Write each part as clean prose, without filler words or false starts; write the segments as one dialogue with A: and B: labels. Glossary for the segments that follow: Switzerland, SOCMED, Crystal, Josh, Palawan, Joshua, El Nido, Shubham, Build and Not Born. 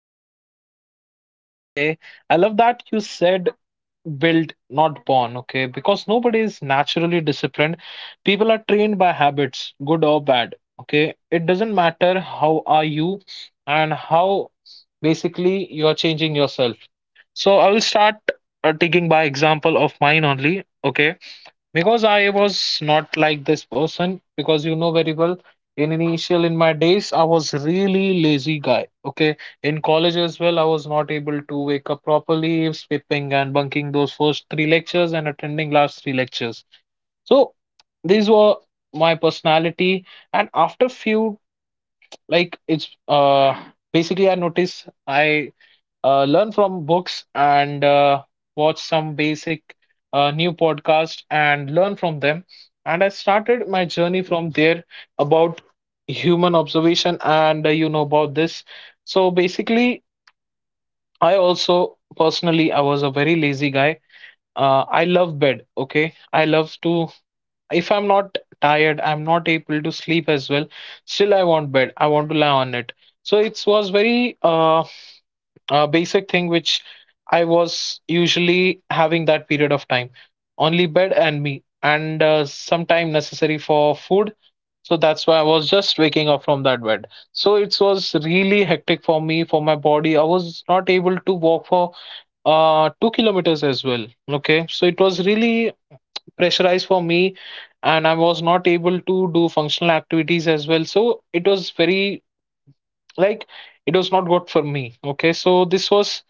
A: your habits from here only. Okay. I love that you said build, not born. Okay. Because nobody is naturally disciplined. People are trained by habits, good or bad. Okay. It doesn't matter how are you and how basically you're changing yourself. So I will start taking by example of mine only. Okay, because I was not like this person, because you know very well in initial in my days I was really lazy guy, okay, in college as well I was not able to wake up properly, skipping and bunking those first three lectures and attending last three lectures. So these were my personality. And after few, like it's basically I noticed I learn from books and watch some basic new podcast and learn from them. And I started my journey from there about human observation and you know about this. So basically, I also personally I was a very lazy guy. I love bed. Okay, I love to. If I'm not tired, I'm not able to sleep as well. Still, I want bed. I want to lie on it. So it was very a basic thing which I was usually having that period of time. Only bed and me, and some time necessary for food. So that's why I was just waking up from that bed. So it was really hectic for me, for my body. I was not able to walk for 2 kilometers as well. Okay, so it was really pressurized for me, and I was not able to do functional activities as well. So it was very, like it was not good for me. Okay, so this was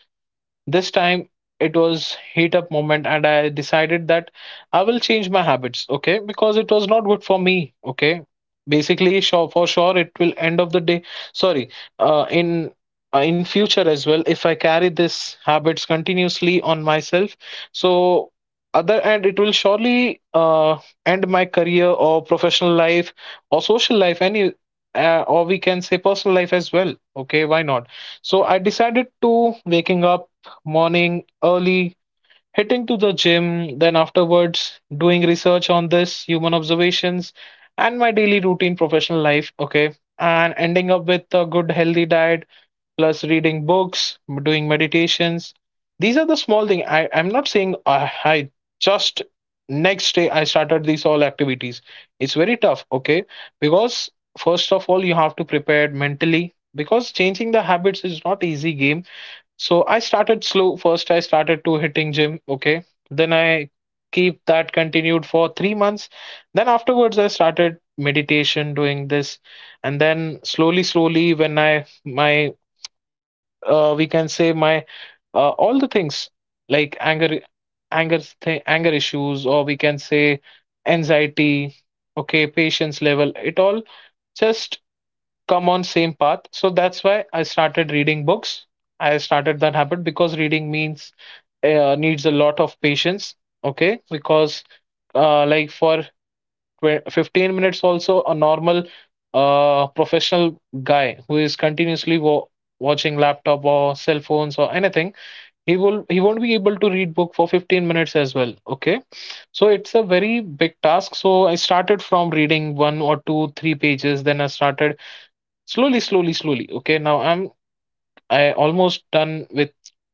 A: this time it was heat up moment and I decided that I will change my habits, okay? Because it was not good for me, okay? Basically, sure for sure it will end of the day. Sorry, uh, in in future as well, if I carry this habits continuously on myself, so other end it will surely end my career or professional life or social life, any or we can say personal life as well. Okay, why not? So I decided to waking up morning early, hitting to the gym, then afterwards doing research on this, human observations, and my daily routine professional life. Okay. And ending up with a good healthy diet, plus reading books, doing meditations. These are the small things. I'm not saying I just next day I started these all activities. It's very tough, okay? Because first of all, you have to prepare mentally because changing the habits is not easy game. So I started slow. First, I started to hitting gym. Okay. Then I keep that continued for 3 months. Then afterwards, I started meditation, doing this, and then slowly, slowly, when I my we can say my all the things like anger issues, or we can say anxiety. Okay, patience level. It all just come on same path. So that's why I started reading books. I started that habit because reading means needs a lot of patience, okay? Because like for 12 15 minutes also a normal professional guy who is continuously watching laptop or cell phones or anything, he will he won't be able to read book for 15 minutes as well, okay? So it's a very big task. So I started from reading one or two three pages, then I started slowly, slowly. Okay, now I'm I almost done with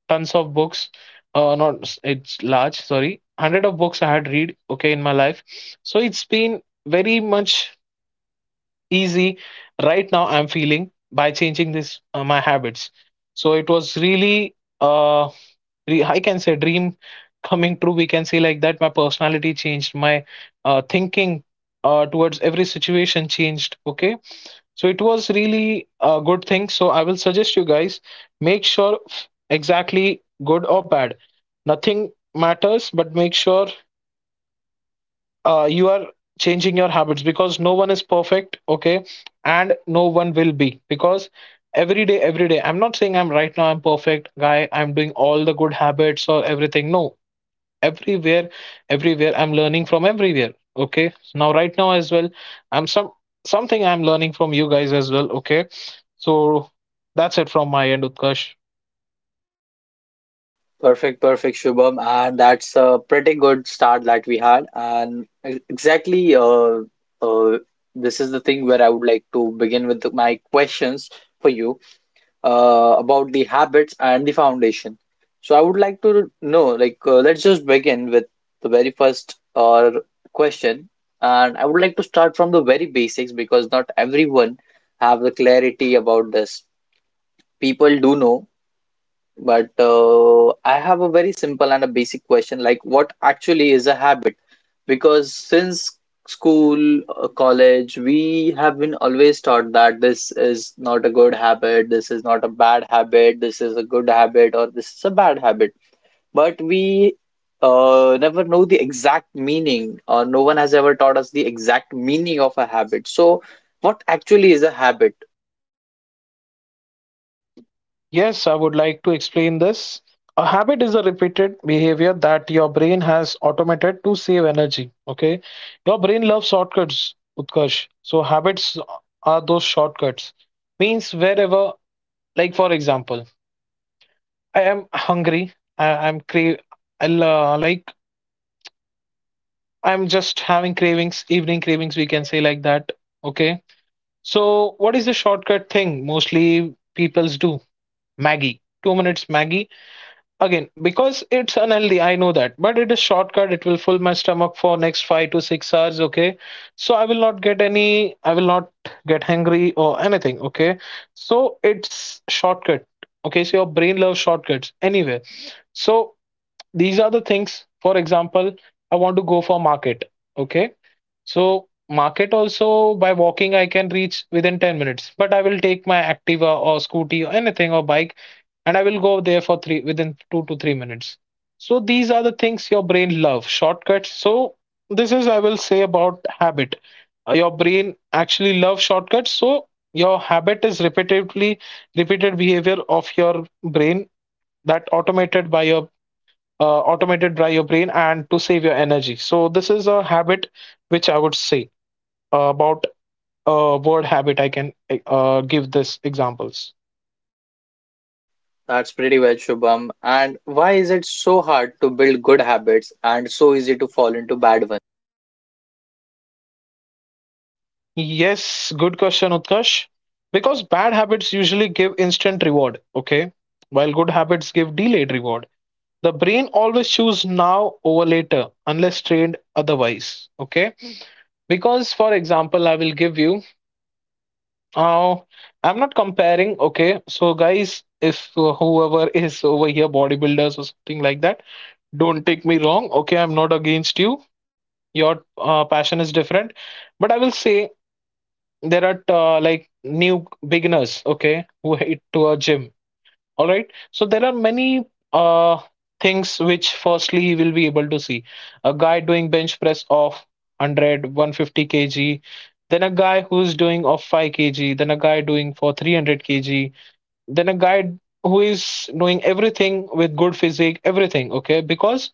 A: tons of books. Not s- it's large, sorry, hundred of books I had read. Okay, in my life, so it's been very much easy. Right now, I'm feeling by changing this my habits. So it was really I can say dream coming true. We can say like that. My personality changed. My thinking towards every situation changed. Okay, so it was really a good thing. So I will suggest you guys, make sure exactly good or bad. Nothing matters, but make sure you are changing your habits because no one is perfect, okay? And no one will be because every day, I'm not saying I'm perfect guy, I'm doing all the good habits or everything. No, everywhere everywhere I'm learning from everywhere. Okay, now right now as well, I'm some something I'm learning from you guys as well. Okay, so that's it from my end, Utkarsh.
B: Perfect, perfect, Shubham. And that's a pretty good start that we had. And exactly, uh, this is the thing where I would like to begin with my questions for you, about the habits and the foundation. So I would like to know, let's just begin with the very first question, and I would like to start from the very basics because not everyone have the clarity about this. People do know, but I have a very simple and a basic question, like what actually is a habit? Because since school, college, we have been always taught that this is not a good habit, this is not a bad habit, this is a good habit, or this is a bad habit. But we never know the exact meaning, or no one has ever taught us the exact meaning of a habit. So, what actually is a habit?
A: Yes, I would like to explain this. A habit is a repeated behavior that your brain has automated to save energy. Okay, your brain loves shortcuts, Utkarsh. So habits are those shortcuts. Means wherever, like for example, I am hungry I am crave I like. I'm just having cravings, evening cravings, we can say like that. Okay. So, what is the shortcut thing mostly peoples do? Maggie. 2 minutes Maggie. Again, because it's unhealthy, I know that. But it is shortcut. It will fill my stomach for next 5 to 6 hours. Okay. So I will not I will not get hungry or anything. Okay. So it's shortcut. Okay. So your brain loves shortcuts anyway. So these are the things. For example, I want to go for market. Okay, so market also by walking I can reach within 10 minutes. But I will take my Activa or scooty or anything or bike and I will go there for three within 2 to 3 minutes. So these are the things, your brain loves shortcuts. So this is I will say about habit. Your brain actually loves shortcuts. So your habit is repetitively repeated behavior of your brain that automated by your brain and to save your energy. So this is a habit which I would say about word habit I can give this examples?
B: That's pretty well, Shubham. And why is it so hard to build good habits and so easy to fall into bad ones?
A: Yes, good question, Utkarsh. Because bad habits usually give instant reward, okay? While good habits give delayed reward. The brain always choose now over later unless trained otherwise, okay? Because for example, I will give you uh, I'm not comparing, okay? So guys, if whoever is over here bodybuilders or something like that, don't take me wrong, okay? I'm not against you. Your passion is different, but I will say there are new beginners, okay, who hate to a gym. All right, so there are many uh things which firstly he will be able to see a guy doing bench press of 150 kg, then a guy who's doing of 5 kg, then a guy doing for 300 kg, then a guy who is doing everything with good physique, everything. Okay, because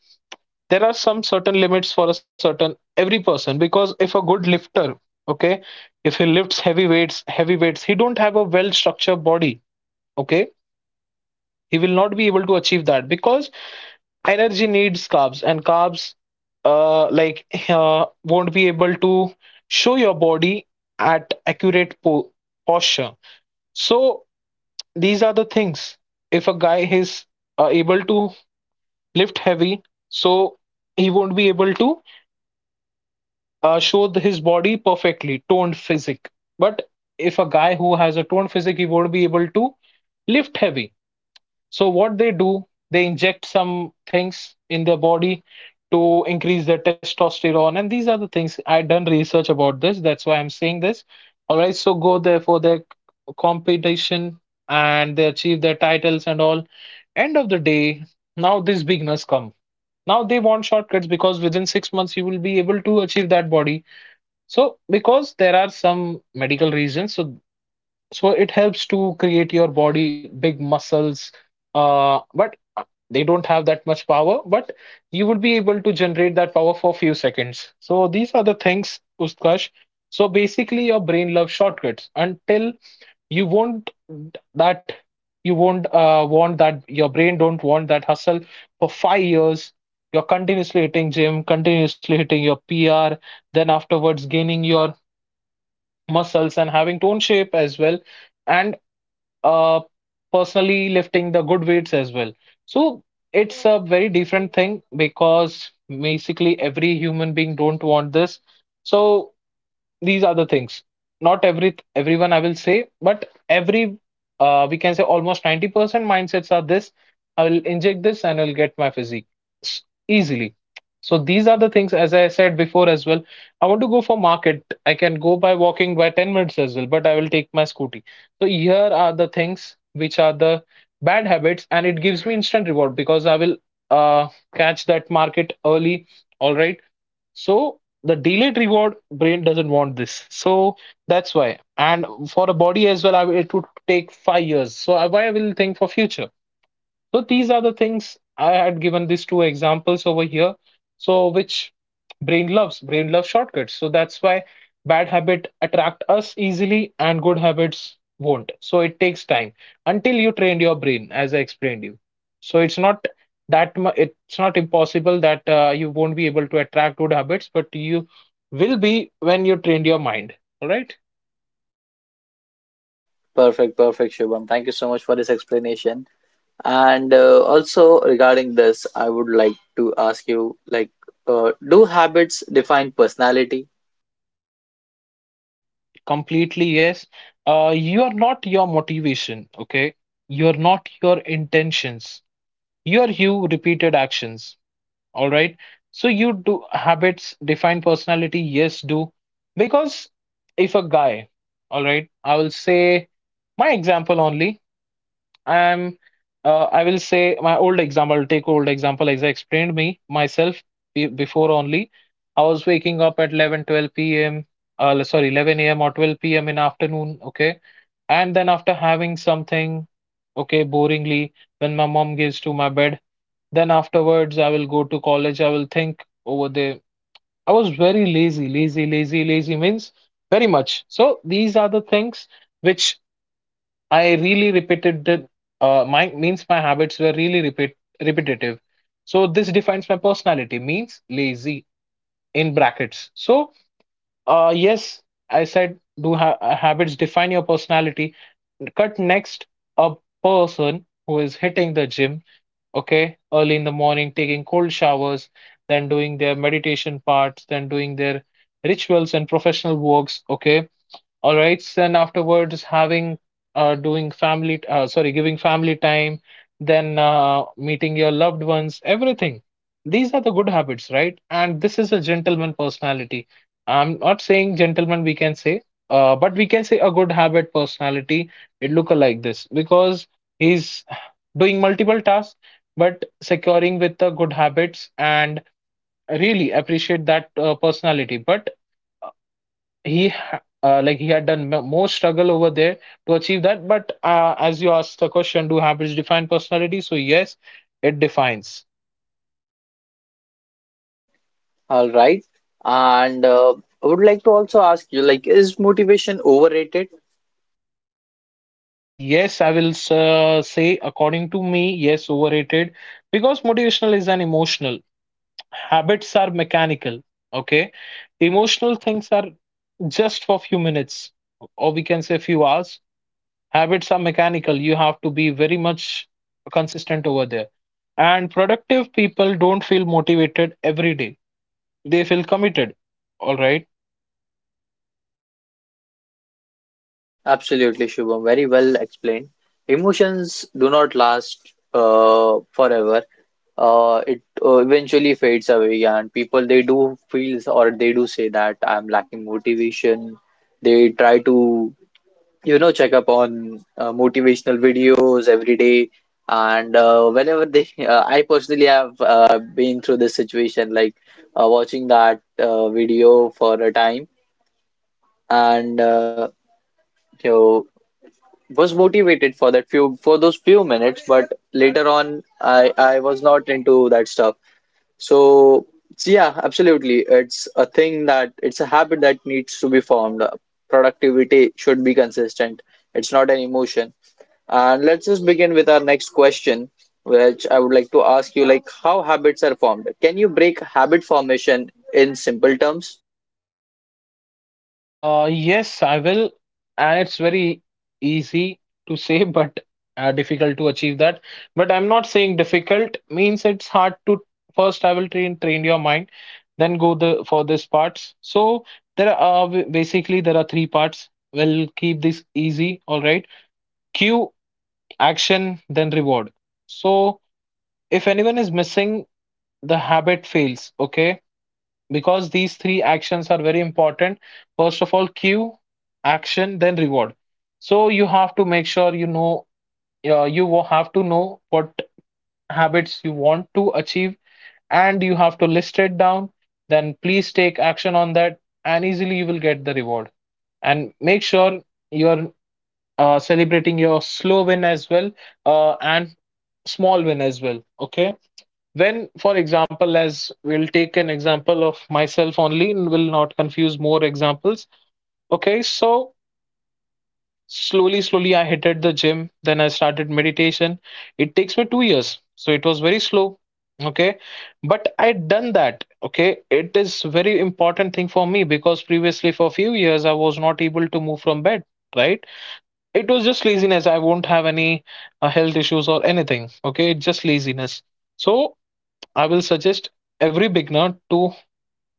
A: there are some certain limits for a certain every person. Because if a good lifter, okay, if he lifts heavy weights, he don't have a well structured body. Okay, he will not be able to achieve that because energy needs carbs, uh like uh, won't be able to show your body at posture. So these are the things. If a guy is able to lift heavy, so he won't be able to his body perfectly toned physique. But if a guy who has a toned physique, he won't be able to lift heavy. So what they do, they inject some things in their body to increase their testosterone, and these are the things I done research about this. That's why I'm saying this. All right, so go there for their competition and they achieve their titles and all. End of the day, now these beginners come. Now they want shortcuts because within 6 months you will be able to achieve that body. So because there are some medical reasons, so so it helps to create your body big muscles, but they don't have that much power, but you would be able to generate that power for few seconds. So these are the things, Utkarsh. So basically, your brain loves shortcuts until you won't that you won't want that. Your brain don't want that hustle for 5 years. You're continuously hitting gym, continuously hitting your PR, then afterwards gaining your muscles and having tone shape as well and uh, personally lifting the good weights as well, so it's a very different thing because basically every human being don't want this. So these are the things. Not everyone I will say, but every we can say almost 90% mindsets are this. I will inject this and I'll get my physique easily. So these are the things, as I said before as well. I want to go for market, I can go by walking by 10 minutes as well, but I will take my scooty. So here are the things which are the bad habits, and it gives me instant reward because I will uh, catch that market early. Alright, so the delayed reward brain doesn't want this. So that's why. And for a body as well, I, it would take 5 years. So I, why I will think for future. So these are the things I had given these two examples over here. So which brain loves shortcuts, so that's why bad habit attract us easily and good habits won't, so it takes time until you train your brain, as I explained you. So it's not it's not impossible that you won't be able to attract good habits, but you will be when you trained your mind. All right.
B: Perfect, perfect, Shubham. Thank you so much for this explanation. And also regarding this, I would like to ask you, do habits define personality?
A: Completely yes. You are not your motivation, okay. You are not your intentions. You are you repeated actions. All right. So you, do habits define personality? Yes, do. Because if a guy, all right, I will say my example only. I'm I will say my old example. I'll take old example as I explained me myself. Before only, I was waking up at 11, 12 p.m., sorry, 11 a.m or 12 p.m in afternoon, okay. And then after having something, okay, boringly, when my mom gives to my bed, then afterwards, I will go to college. I will think over there. I was very lazy. Lazy, lazy, lazy means very much. So these are the things which I really repeated. My, means my habits were really repeat repetitive. So this defines my personality. Means lazy in brackets. So yes, I said, do ha habits define your personality. Cut next, a person who is hitting the gym, okay, early in the morning, taking cold showers, then doing their meditation parts, then doing their rituals and professional works, okay, all right. Then afterwards, having doing sorry, giving family time, then meeting your loved ones, everything. These are the good habits, right? And this is a gentleman personality. I'm not saying gentleman, we can say, but we can say a good habit personality. It look like this because he's doing multiple tasks, but securing with the good habits, and really appreciate that personality. But like, he had done more struggle over there to achieve that. But as you asked the question, do habits define personality? So yes, it defines.
B: All right. And I would like to also ask you, like, is motivation overrated?
A: Yes, I will say according to me, yes, overrated because motivational is an emotional, habits are mechanical, okay. Emotional things are just for few minutes, or we can say few hours. Habits are mechanical. You have to be very much consistent over there. And productive people don't feel motivated every day. They feel committed. All right.
B: Absolutely, Shubham. Very well explained. Emotions do not last forever. It eventually fades away, and people they do feel or they do say that I'm lacking motivation. They try to check up on motivational videos every day, and whenever they, I personally have been through this situation, like watching that video for a time, and you know was motivated for that few for those few minutes, but later on I was not into that stuff. So so yeah, absolutely, it's a thing that it's a habit that needs to be formed. Productivity should be consistent, it's not an emotion. And let's just begin with our next question, which I would like to ask you, like how habits are formed. Can you break habit formation in simple terms?
A: Yes, I will. And it's very easy to say but difficult to achieve that. But I'm not saying difficult means it's hard to. First, I will train your mind, then go the for these parts. So there are basically there are 3 parts. We'll keep this easy, all right. Q, action, then reward. So if anyone is missing, the habit fails, okay. Because these three actions are very important. First of all, cue, action, then reward. So you have to make sure, you know, you will have to know what habits you want to achieve, and you have to list it down. Then please take action on that, and easily you will get the reward. And make sure you're celebrating your slow win as well, and small win as well, okay. When, for example, as we'll take an example of myself only and will not confuse more examples, okay. So slowly slowly I hit at the gym, then I started meditation. It takes me 2 years, so it was very slow, okay. But I done that, okay. It is very important thing for me, because previously for few years I was not able to move from bed, right. It was just laziness. I won't have any health issues or anything, okay. It's just laziness. So I will suggest every beginner to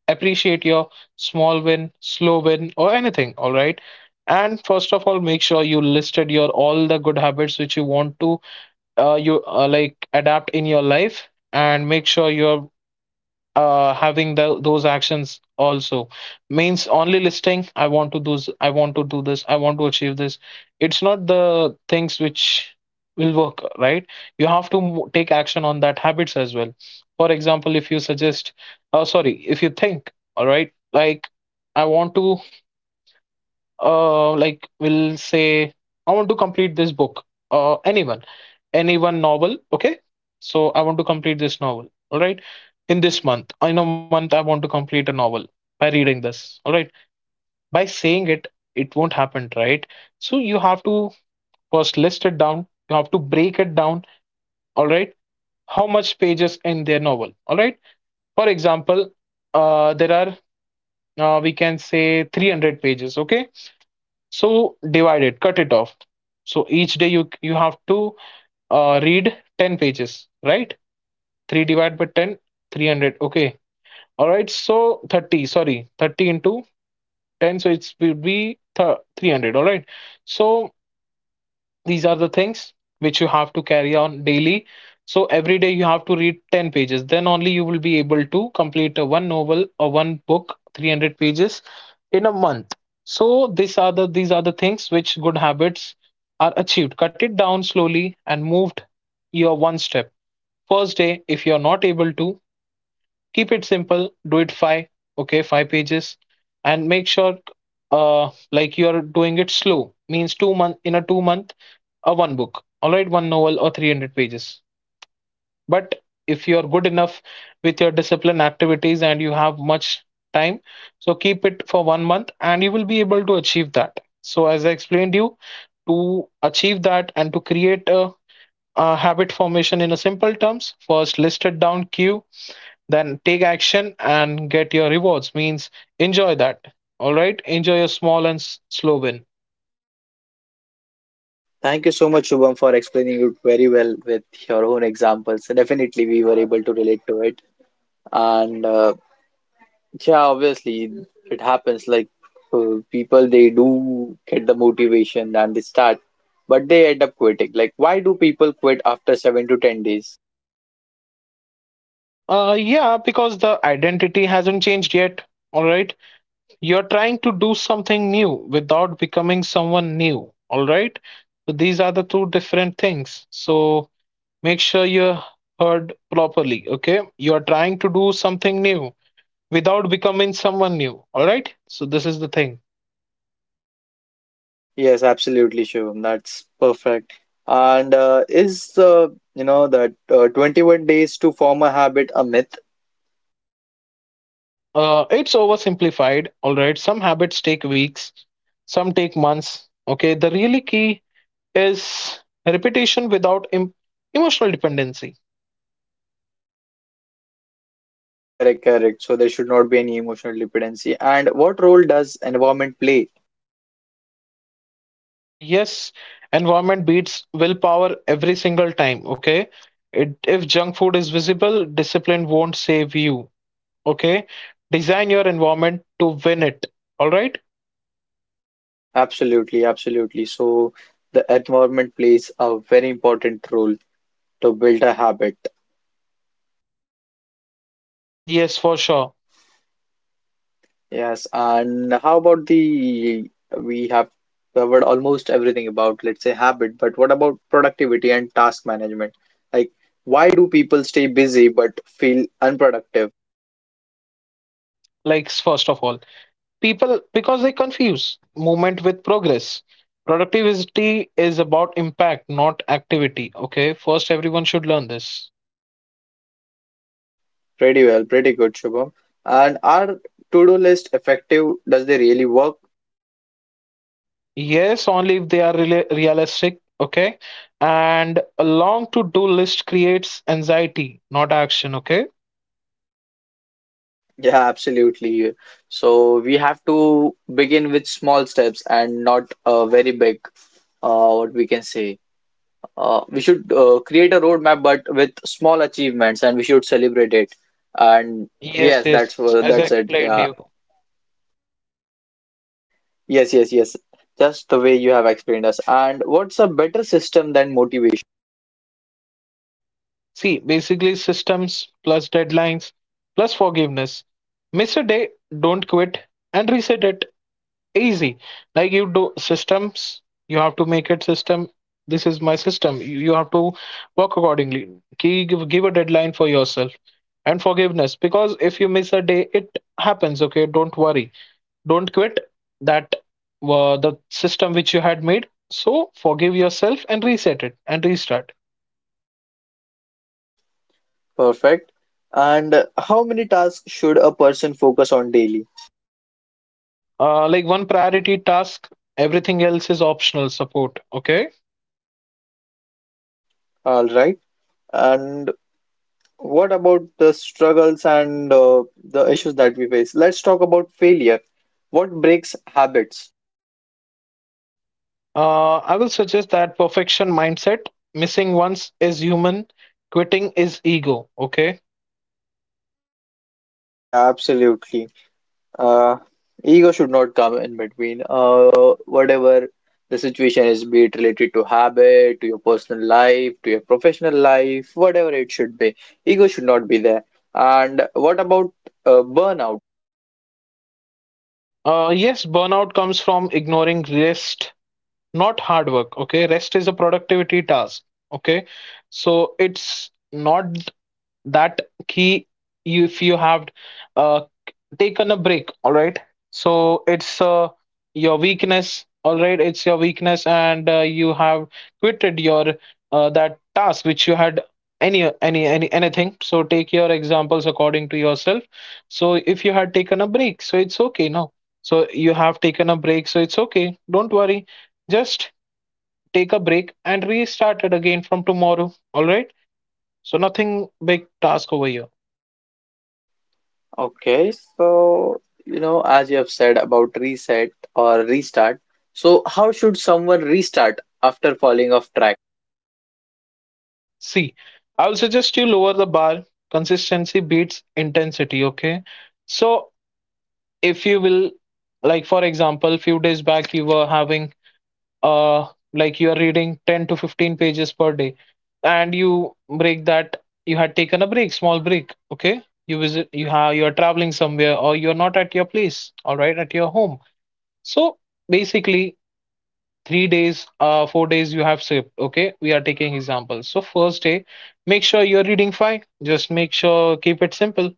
A: appreciate your small win, slow win, or anything. All right. And first of all, make sure you listed your all the good habits which you want to you like adapt in your life, and make sure you're having the those actions also. Means only listing, I want to I want to do this, I want to achieve this, it's not the things which will work, right. You have to take action on that habits as well. For example, if you suggest, sorry, if you think, all right, like, I want to like, will say, I want to complete this book, uh anyone anyone novel, okay. So I want to complete this novel, all right. In a month, I want to complete a novel by reading this, all right. By saying it, it won't happen, right. So you have to first list it down, you have to break it down, all right. How much pages in their novel, all right. For example, there are we can say 300 pages, okay. So divide it, cut it off. So each day you have to read 10 pages, right. 3 divided by 10, 300. Okay, all right. So 30, sorry, 30 into 10, so it will be 300, all right. So these are the things which you have to carry on daily. So every day you have to read 10 pages, then only you will be able to complete a one novel or one book, 300 pages, in a month. So these are the things which good habits are achieved. Cut it down slowly and moved your one step. First day, if you are not able to, keep it simple, do it five, okay, five pages. And make sure uh like, you are doing it slow, means 2 month, a one book, all right, one novel or 300 pages. But if you're good enough with your discipline activities and you have much time, so keep it for 1 month and you will be able to achieve that. So as I explained you, to achieve that and to create a habit formation in a simple terms, first list it down, cue, then take action and get your rewards. Means enjoy that. All right, enjoy your small and slow win.
B: Thank you so much, Shubham, for explaining it very well with your own examples. Definitely, we were able to relate to it. And yeah, obviously it happens like people they do get the motivation and they start, but they end up quitting. Like, why do people quit after 7 to 10 days?
A: Yeah, because the identity hasn't changed yet. All right. You're trying to do something new without becoming someone new. All right. So these are the two different things. So make sure you heard properly. Okay. You're trying to do something new without becoming someone new. All right. So this is the thing.
B: Yes, absolutely, Shivam, that's perfect. And is you know that 21 days to form a habit a myth?
A: It's oversimplified. All right. Some habits take weeks, some take months. Okay. The really key is repetition without emotional dependency.
B: Correct, correct. So there should not be any emotional dependency. And what role does environment play?
A: Yes, environment beats willpower every single time. Okay, it, if junk food is visible, discipline won't save you. Okay, design your environment to win it. All right,
B: Absolutely, absolutely. So the environment plays a very important role to build a habit.
A: yes, for sure.
B: Yes, and how about the we have covered almost everything about, let's say, habit, but what about productivity and task management? Like, why do people stay busy but feel unproductive?
A: Likes first of all, people, because they confuse movement with progress. Productivity is about impact, not activity. Okay, first, everyone should learn this.
B: Pretty well, pretty good, Shubham. And are to-do list effective? Does they really work?
A: Yes, only if they are rela realistic. Okay. And a long to-do list creates anxiety, not action. Okay.
B: Yeah, absolutely. So we have to begin with small steps and not very big, what we can say. We should create a roadmap but with small achievements and we should celebrate it. And
A: Yes,
B: yes,
A: yes, as I
B: that's it.
A: explained
B: Yeah,
A: you.
B: yes, yes, yes, just the way you have explained us. And what's a better system than motivation?
A: See, basically systems plus deadlines plus forgiveness. Miss a day, don't quit and reset it. Easy, like, you do systems. You have to make it system. This is my system, you have to work accordingly. Give, give a deadline for yourself, and forgiveness, because if you miss a day, it happens, okay. Don't worry, don't quit that the system which you had made. So forgive yourself and reset it and restart.
B: Perfect. And how many tasks should a person focus on daily?
A: Like, one priority task, everything else is optional support, okay.
B: All right. And what about the struggles and the issues that we face? Let's talk about failure. What breaks habits?
A: I will suggest that perfection mindset, missing once is human, quitting is ego. Okay.
B: Yeah, absolutely. Uh, Ego should not come in between. Whatever the situation is, be it related to habit, to your personal life, to your professional life, whatever it should be, ego should not be there. And what about burnout?
A: Yes, burnout comes from ignoring rest, not hard work. Okay. Rest is a productivity task. Okay. So it's not that key, if you have uh, taken a break, all right. So it's your weakness, all right, it's your weakness, and you have quitted your that task which you had, anything. So take your examples according to yourself. So if you had taken a break, so it's okay now. So you have taken a break, so it's okay, don't worry. Just take a break and restart it again from tomorrow, all right. So nothing big task over here.
B: Okay, so you know, as you have said about reset or restart, so how should someone restart after falling off track?
A: See, I will suggest you lower the bar. Consistency beats intensity, okay? So if you will, like, for example, a few days back, you were having uh like, you are reading 10 to 15 pages per day, and you break that, you had taken a break, small break, okay? You are traveling somewhere, or you're not at your place, all right, at your home. So basically 3 days, uh, 4 days you have sleep, okay, we are taking examples. So first day, make sure you're reading five. Just make sure, keep it simple.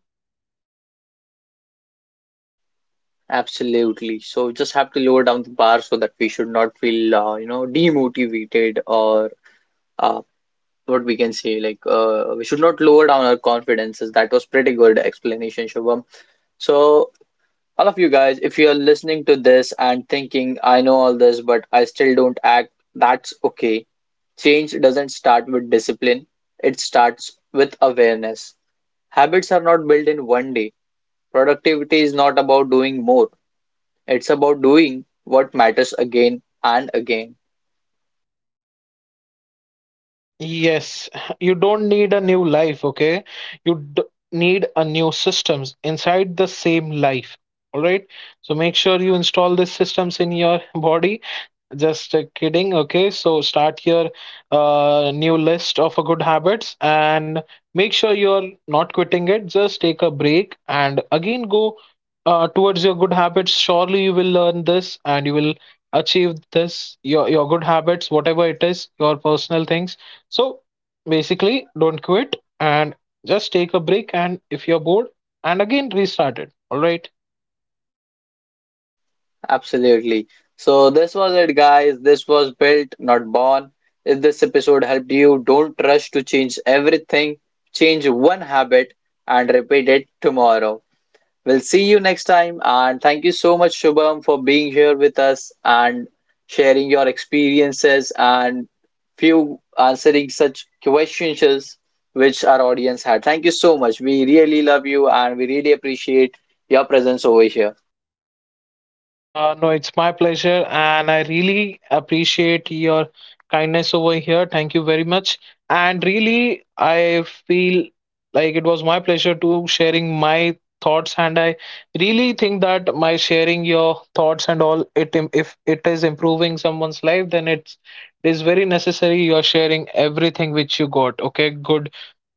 B: Absolutely. So just have to lower down the bar so that we should not feel, demotivated or uh, what we can say, like we should not lower down our confidences. That was pretty good explanation, Shubham. So all of you guys, if you are listening to this and thinking I know all this but I still don't act, that's okay. Change doesn't start with discipline, it starts with awareness. Habits are not built in one day. Productivity is not about doing more, it's about doing what matters again and again.
A: Yes, you don't need a new life, okay. you d- need a new systems inside the same life, all right. So make sure you install these systems in your body. Just kidding. Okay, so start your new list of good habits, and make sure you're not quitting it. Just take a break and again go towards your good habits. Surely you will learn this, and you will achieve this, your good habits, whatever it is, your personal things. So basically, don't quit and just take a break. And if you're bored, and again restart it. All right.
B: Absolutely. So this was it, guys. This was built, not born. If this episode helped you, don't rush to change everything. Change one habit and repeat it tomorrow. We'll see you next time. And thank you so much, Shubham, for being here with us and sharing your experiences and few answering such questions which our audience had. Thank you so much. We really love you and we really appreciate your presence over here.
A: No, it's my pleasure, and I really appreciate your kindness over here. Thank you very much. And really, I feel like it was my pleasure to sharing my thoughts, and I really think that my sharing your thoughts and all, if it is improving someone's life, then it is very necessary you're sharing everything which you got. Okay, good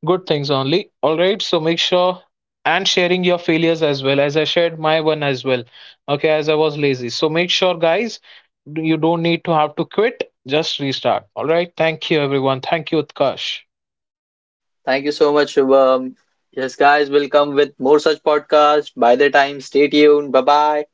A: good things only. All right, so make sure, and sharing your failures as well, as I shared my one as well, okay. As I was lazy, so make sure guys, you don't need to have to quit, just restart. All right, thank you everyone, thank you Utkarsh.
B: Thank you so much, Shubham. Yes, guys, we'll come with more such podcasts. By the time, stay tuned. Bye bye.